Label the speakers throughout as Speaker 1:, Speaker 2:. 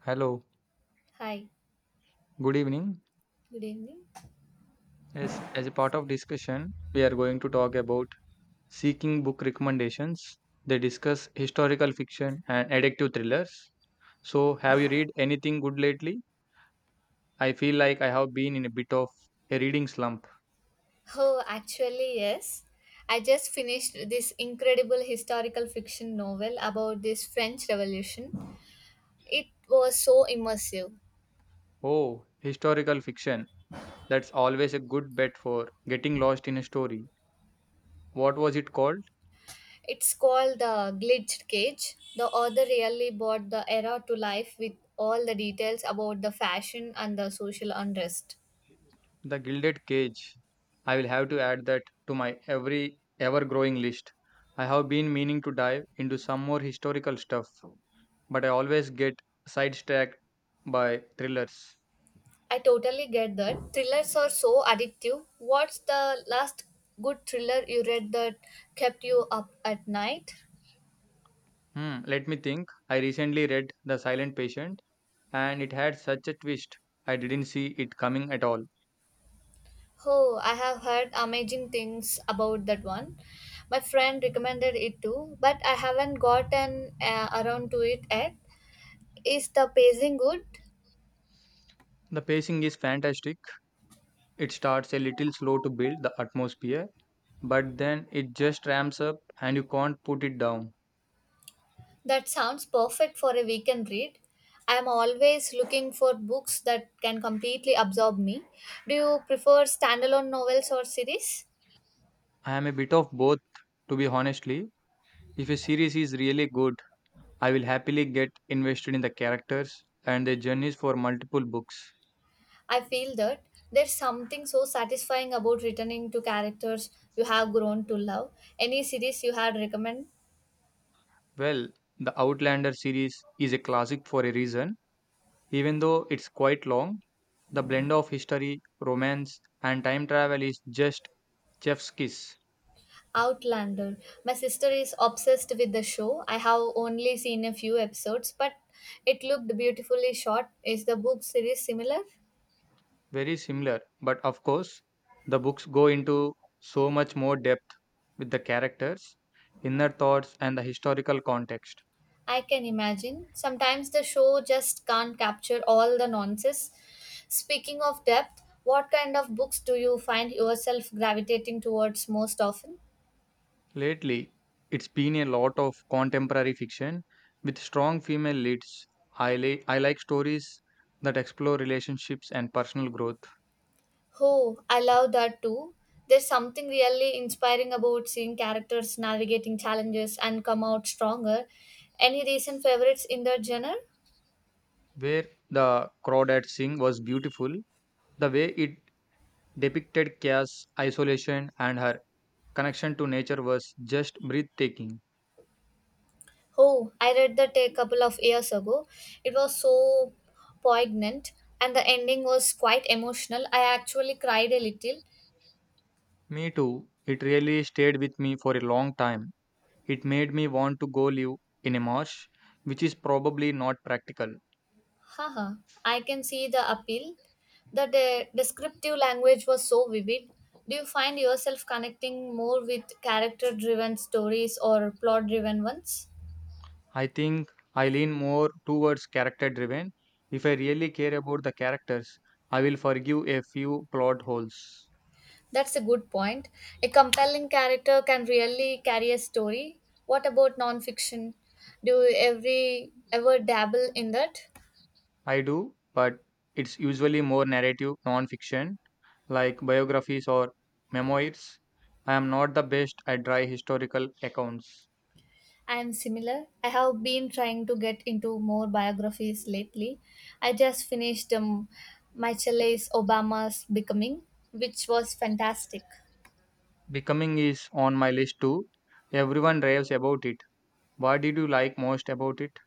Speaker 1: Hello,
Speaker 2: Hi,
Speaker 1: good evening.
Speaker 2: good evening.
Speaker 1: As a part of discussion, we are going to talk about seeking book recommendations. They discuss historical fiction and addictive thrillers. So, have you read anything good lately? I feel like I have been in a bit of a reading slump.
Speaker 2: Oh, actually, yes. I just finished this incredible historical fiction novel about this French Revolution. It was so immersive.
Speaker 1: Oh, historical fiction. That's always a good bet for getting lost in a story. What was it called?
Speaker 2: It's called The Glitched Cage. The author really brought the era to life with all the details about the fashion and the social unrest.
Speaker 1: The Gilded Cage. I will have to add that to my ever growing list. I have been meaning to dive into some more historical stuff, but I always get sidetracked by thrillers.
Speaker 2: I totally get that. Thrillers are so addictive. What's the last good thriller you read that kept you up at night?
Speaker 1: Let me think. I recently read The Silent Patient, and it had such a twist. I didn't see it coming at all.
Speaker 2: Oh, I have heard amazing things about that one. My friend recommended it too, but I haven't gotten around to it yet. Is the pacing good?
Speaker 1: The pacing is fantastic. It starts a little slow to build the atmosphere, but then it just ramps up and you can't put it down.
Speaker 2: That sounds perfect for a weekend read. I am always looking for books that can completely absorb me. Do you prefer standalone novels or series?
Speaker 1: I am a bit of both, to be honest. If a series is really good, I will happily get invested in the characters and their journeys for multiple books.
Speaker 2: I feel that there's something so satisfying about returning to characters you have grown to love. Any series you had recommend?
Speaker 1: Well, the Outlander series is a classic for a reason. Even though it's quite long, the blend of history, romance, and time travel is just chef's kiss.
Speaker 2: Outlander. My sister is obsessed with the show. I have only seen a few episodes, but it looked beautifully shot. Is the book series similar?
Speaker 1: Very similar, but of course, the books go into so much more depth with the characters, inner thoughts, and the historical context.
Speaker 2: I can imagine. Sometimes the show just can't capture all the nonsense. Speaking of depth, what kind of books do you find yourself gravitating towards most often?
Speaker 1: Lately, it's been a lot of contemporary fiction with strong female leads. I like stories that explore relationships and personal growth.
Speaker 2: Oh, I love that too. There's something really inspiring about seeing characters navigating challenges and come out stronger. Any recent favorites in that genre?
Speaker 1: Where the Crawdad Sing was beautiful. The way it depicted chaos, isolation, and her connection to nature was just breathtaking.
Speaker 2: Oh, I read that a couple of years ago. It was so poignant and the ending was quite emotional. I actually cried a little.
Speaker 1: Me too, it really stayed with me for a long time. It made me want to go live in a marsh, which is probably not practical.
Speaker 2: Haha, I can see the appeal. The descriptive language was so vivid. Do you find yourself connecting more with character driven stories or plot driven ones?
Speaker 1: I think I lean more towards character driven. If I really care about the characters, I will forgive a few plot holes.
Speaker 2: That's a good point. A compelling character can really carry a story. What about nonfiction? Do you every ever dabble in that?
Speaker 1: I do, but it's usually more narrative non fiction, like biographies or memoirs. I am not the best at dry historical accounts.
Speaker 2: I am similar. I have been trying to get into more biographies lately. I just finished Michelle Obama's Becoming, which was fantastic.
Speaker 1: Becoming is on my list too. Everyone raves about it. What did you like most about it?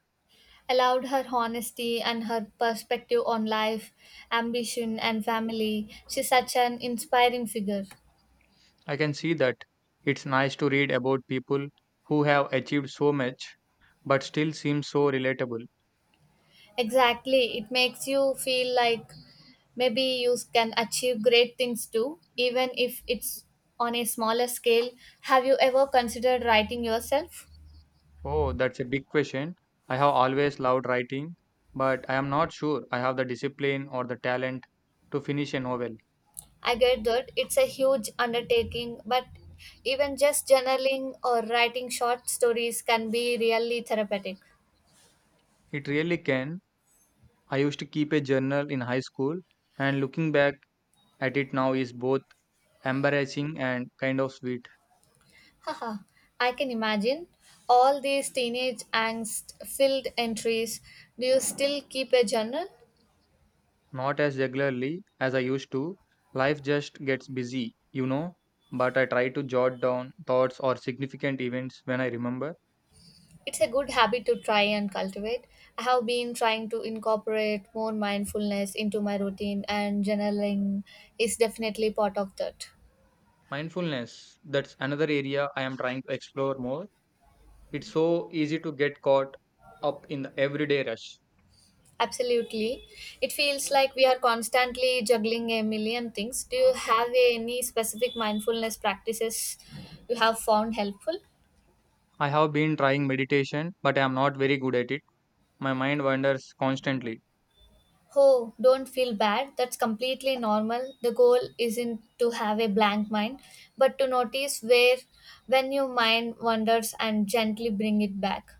Speaker 2: I loved her honesty and her perspective on life, ambition, and family. She's such an inspiring figure.
Speaker 1: I can see that. It's nice to read about people who have achieved so much but still seem so relatable.
Speaker 2: Exactly. It makes you feel like maybe you can achieve great things too, even if it's on a smaller scale. Have you ever considered writing yourself?
Speaker 1: Oh, that's a big question. I have always loved writing, but I am not sure I have the discipline or the talent to finish a novel.
Speaker 2: I get that it's a huge undertaking, but even just journaling or writing short stories can be really therapeutic.
Speaker 1: It really can. I used to keep a journal in high school, and looking back at it now is both embarrassing and kind of sweet.
Speaker 2: Haha, I can imagine all these teenage angst filled entries. Do you still keep a journal?
Speaker 1: Not as regularly as I used to. Life just gets busy, But I try to jot down thoughts or significant events when I remember.
Speaker 2: It's a good habit to try and cultivate. I have been trying to incorporate more mindfulness into my routine, and journaling is definitely part of that.
Speaker 1: Mindfulness, that's another area I am trying to explore more. It's so easy to get caught up in the everyday rush.
Speaker 2: Absolutely. It feels like we are constantly juggling a million things. Do you have any specific mindfulness practices you have found helpful?
Speaker 1: I have been trying meditation, but I am not very good at it. My mind wanders constantly.
Speaker 2: Oh, don't feel bad. That's completely normal. The goal isn't to have a blank mind, but to notice where when your mind wanders and gently bring it back.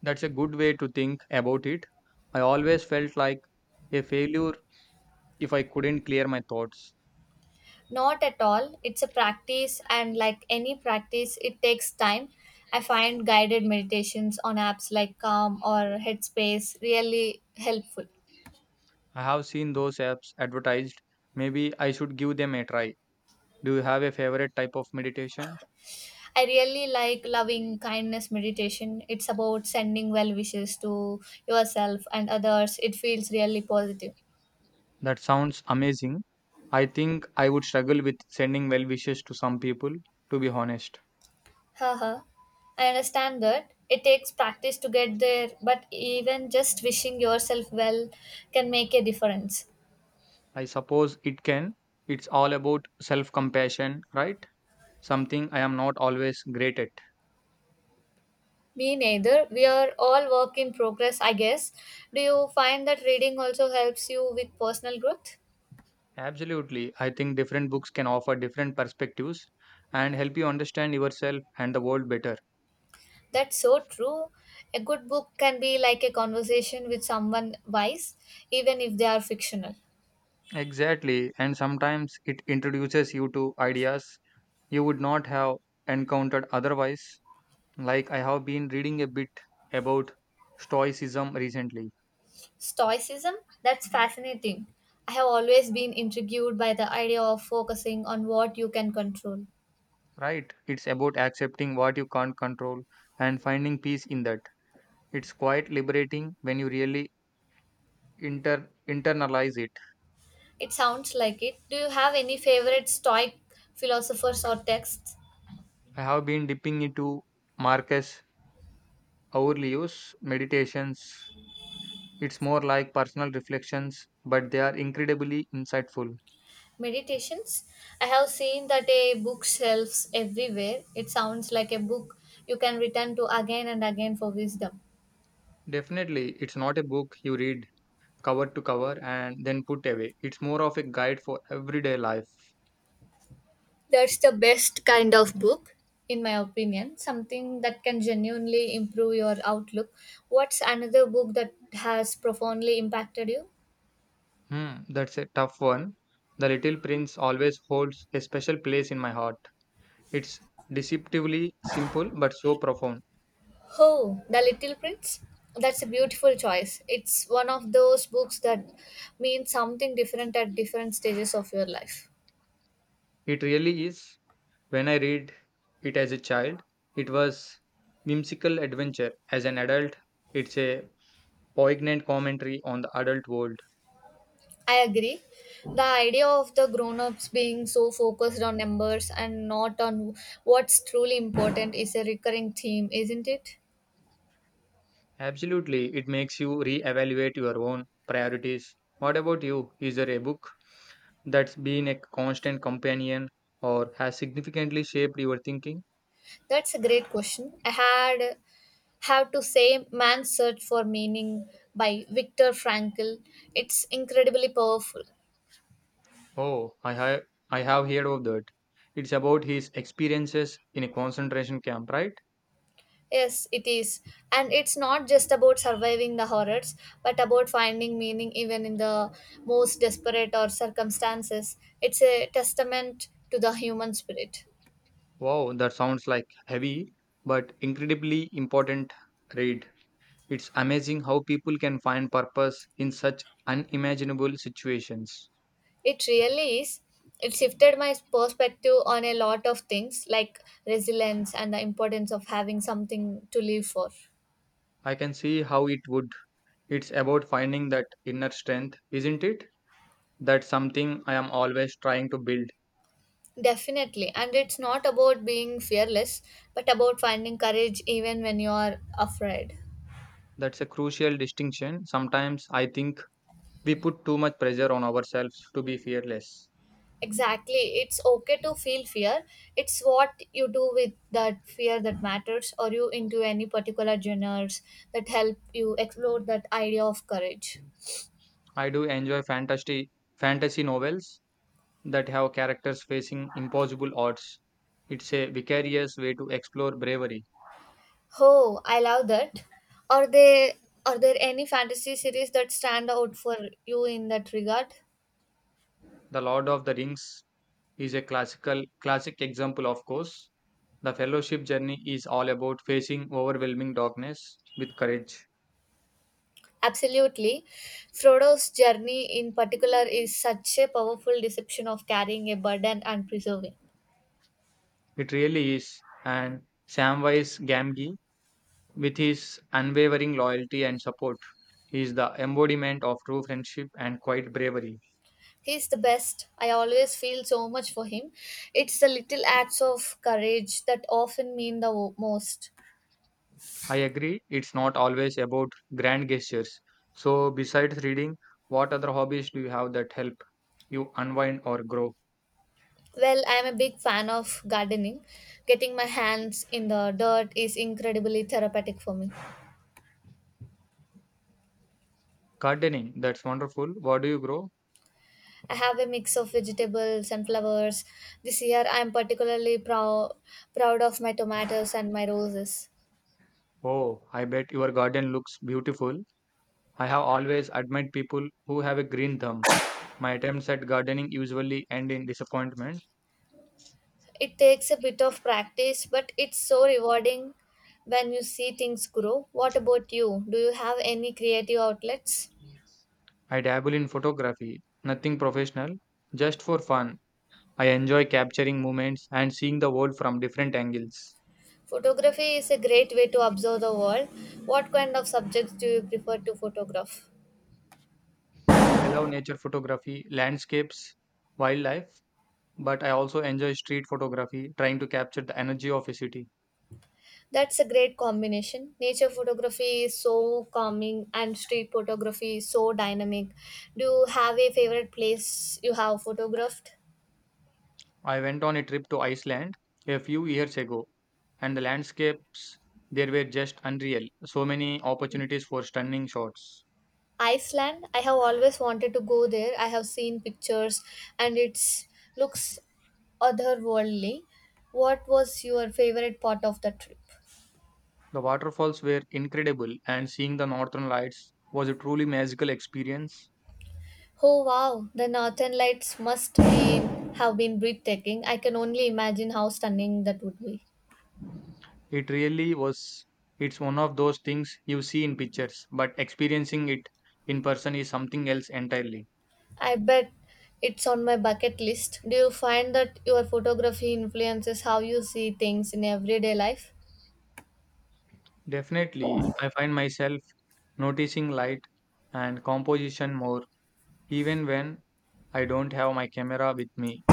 Speaker 1: That's a good way to think about it. I always felt like a failure if I couldn't clear my thoughts.
Speaker 2: Not at all. It's a practice, and like any practice, it takes time. I find guided meditations on apps like Calm or Headspace really helpful.
Speaker 1: I have seen those apps advertised. Maybe I should give them a try. Do you have a favorite type of meditation?
Speaker 2: I really like loving kindness meditation. It's about sending well wishes to yourself and others. It feels really positive.
Speaker 1: That sounds amazing. I think I would struggle with sending well wishes to some people, to be honest.
Speaker 2: Haha. I understand that. It takes practice to get there, but even just wishing yourself well can make a difference.
Speaker 1: I suppose it can. It's all about self compassion, right? Something I am not always great at.
Speaker 2: Me neither. We are all work in progress, I guess. Do you find that reading also helps you with personal growth?
Speaker 1: Absolutely. I think different books can offer different perspectives and help you understand yourself and the world better.
Speaker 2: That's so true. A good book can be like a conversation with someone wise, even if they are fictional.
Speaker 1: Exactly. And sometimes it introduces you to ideas you would not have encountered otherwise. Like I have been reading a bit about Stoicism recently,
Speaker 2: Stoicism? That's fascinating. I have always been intrigued by the idea of focusing on what you can control.
Speaker 1: right? It's about accepting what you can't control and finding peace in that. It's quite liberating when you really internalize it.
Speaker 2: It sounds like it. Do you have any favorite Stoic philosophers or texts?
Speaker 1: I have been dipping into Marcus Aurelius' meditations. It's more like personal reflections, but they are incredibly insightful.
Speaker 2: Meditations. I have seen that a bookshelves everywhere. It sounds like a book you can return to again and again for wisdom.
Speaker 1: Definitely, it's not a book you read cover to cover and then put away. It's more of a guide for everyday life.
Speaker 2: That's the best kind of book, in my opinion, something that can genuinely improve your outlook. What's another book that has profoundly impacted you?
Speaker 1: That's a tough one. The Little Prince always holds a special place in my heart. It's deceptively simple but so profound.
Speaker 2: Oh, The Little Prince. That's a beautiful choice. It's one of those books that means something different at different stages of your life.
Speaker 1: It really is. When I read it as a child, it was whimsical adventure. As an adult, it's a poignant commentary on the adult world.
Speaker 2: I agree. The idea of the grown ups being so focused on numbers and not on what's truly important is a recurring theme, isn't it?
Speaker 1: Absolutely, it makes you reevaluate your own priorities. What about you? Is there a book that's been a constant companion or has significantly shaped your thinking?
Speaker 2: That's a great question. I had have to say Man's Search for Meaning by Viktor Frankl. It's incredibly powerful.
Speaker 1: Oh, I have heard of that. It's about his experiences in a concentration camp, right?
Speaker 2: Yes, it is. And it's not just about surviving the horrors, but about finding meaning even in the most desperate or circumstances. It's a testament to the human spirit.
Speaker 1: Wow, that sounds like heavy but incredibly important read. It's amazing how people can find purpose in such unimaginable situations.
Speaker 2: It really is. It shifted my perspective on a lot of things like resilience and the importance of having something to live for.
Speaker 1: I can see how it would. It's about finding that inner strength, isn't it? That's something I am always trying to build.
Speaker 2: Definitely. And it's not about being fearless, but about finding courage even when you are afraid.
Speaker 1: That's a crucial distinction. Sometimes I think we put too much pressure on ourselves to be fearless.
Speaker 2: Exactly. It's okay to feel fear. It's what you do with that fear that matters. Or you into any particular genres that help you explore that idea of courage.
Speaker 1: I do enjoy fantasy novels that have characters facing impossible odds. It's a vicarious way to explore bravery.
Speaker 2: Oh, I love that. Are they are there any fantasy series that stand out for you in that regard?
Speaker 1: The Lord of the Rings is a classic example, of course. The fellowship journey is all about facing overwhelming darkness with courage.
Speaker 2: Absolutely. Frodo's journey in particular is such a powerful deception of carrying a burden and preserving.
Speaker 1: It really is. And Samwise Gamgee, with his unwavering loyalty and support, he is the embodiment of true friendship and quiet bravery.
Speaker 2: He's the best. I always feel so much for him. It's the little acts of courage that often mean the most.
Speaker 1: I agree, it's not always about grand gestures. So, besides reading, what other hobbies do you have that help you unwind or grow?
Speaker 2: Well, I am a big fan of gardening. Getting my hands in the dirt is incredibly therapeutic for me.
Speaker 1: Gardening, that's wonderful. What do you grow?
Speaker 2: I have a mix of vegetables and flowers. This year I am particularly proud of my tomatoes and my roses.
Speaker 1: Oh, I bet your garden looks beautiful. I have always admired people who have a green thumb. My attempts at gardening usually end in disappointment.
Speaker 2: It takes a bit of practice, but it's so rewarding when you see things grow. What about you? Do you have any creative outlets?
Speaker 1: I dabble in photography, nothing professional, just for fun. I enjoy capturing moments and seeing the world from different angles.
Speaker 2: Photography is a great way to observe the world. What kind of subjects do you prefer to photograph?
Speaker 1: I love nature photography, landscapes, wildlife, but I also enjoy street photography, trying to capture the energy of a city.
Speaker 2: That's a great combination. Nature photography is so calming and street photography is so dynamic. Do you have a favorite place you have photographed?
Speaker 1: I went on a trip to Iceland a few years ago, and the landscapes there were just unreal. So many opportunities for stunning shots.
Speaker 2: Iceland. I have always wanted to go there. I have seen pictures and it looks otherworldly. What was your favorite part of the trip?
Speaker 1: The waterfalls were incredible, and seeing the northern lights was a truly magical experience.
Speaker 2: Oh wow, the northern lights must be have been breathtaking. I can only imagine how stunning that would be.
Speaker 1: It really was. It's one of those things you see in pictures, but experiencing it in person is something else entirely.
Speaker 2: I bet it's on my bucket list. Do you find that your photography influences how you see things in everyday life?
Speaker 1: Definitely, I find myself noticing light and composition more, even when I don't have my camera with me.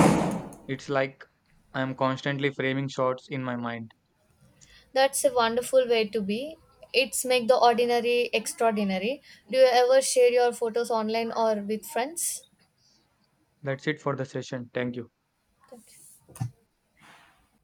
Speaker 1: It's like I'm constantly framing shots in my mind.
Speaker 2: That's a wonderful way to be. It's make the ordinary extraordinary. Do you ever share your photos online or with friends?
Speaker 1: That's it for the session. Thank you.
Speaker 2: Okay.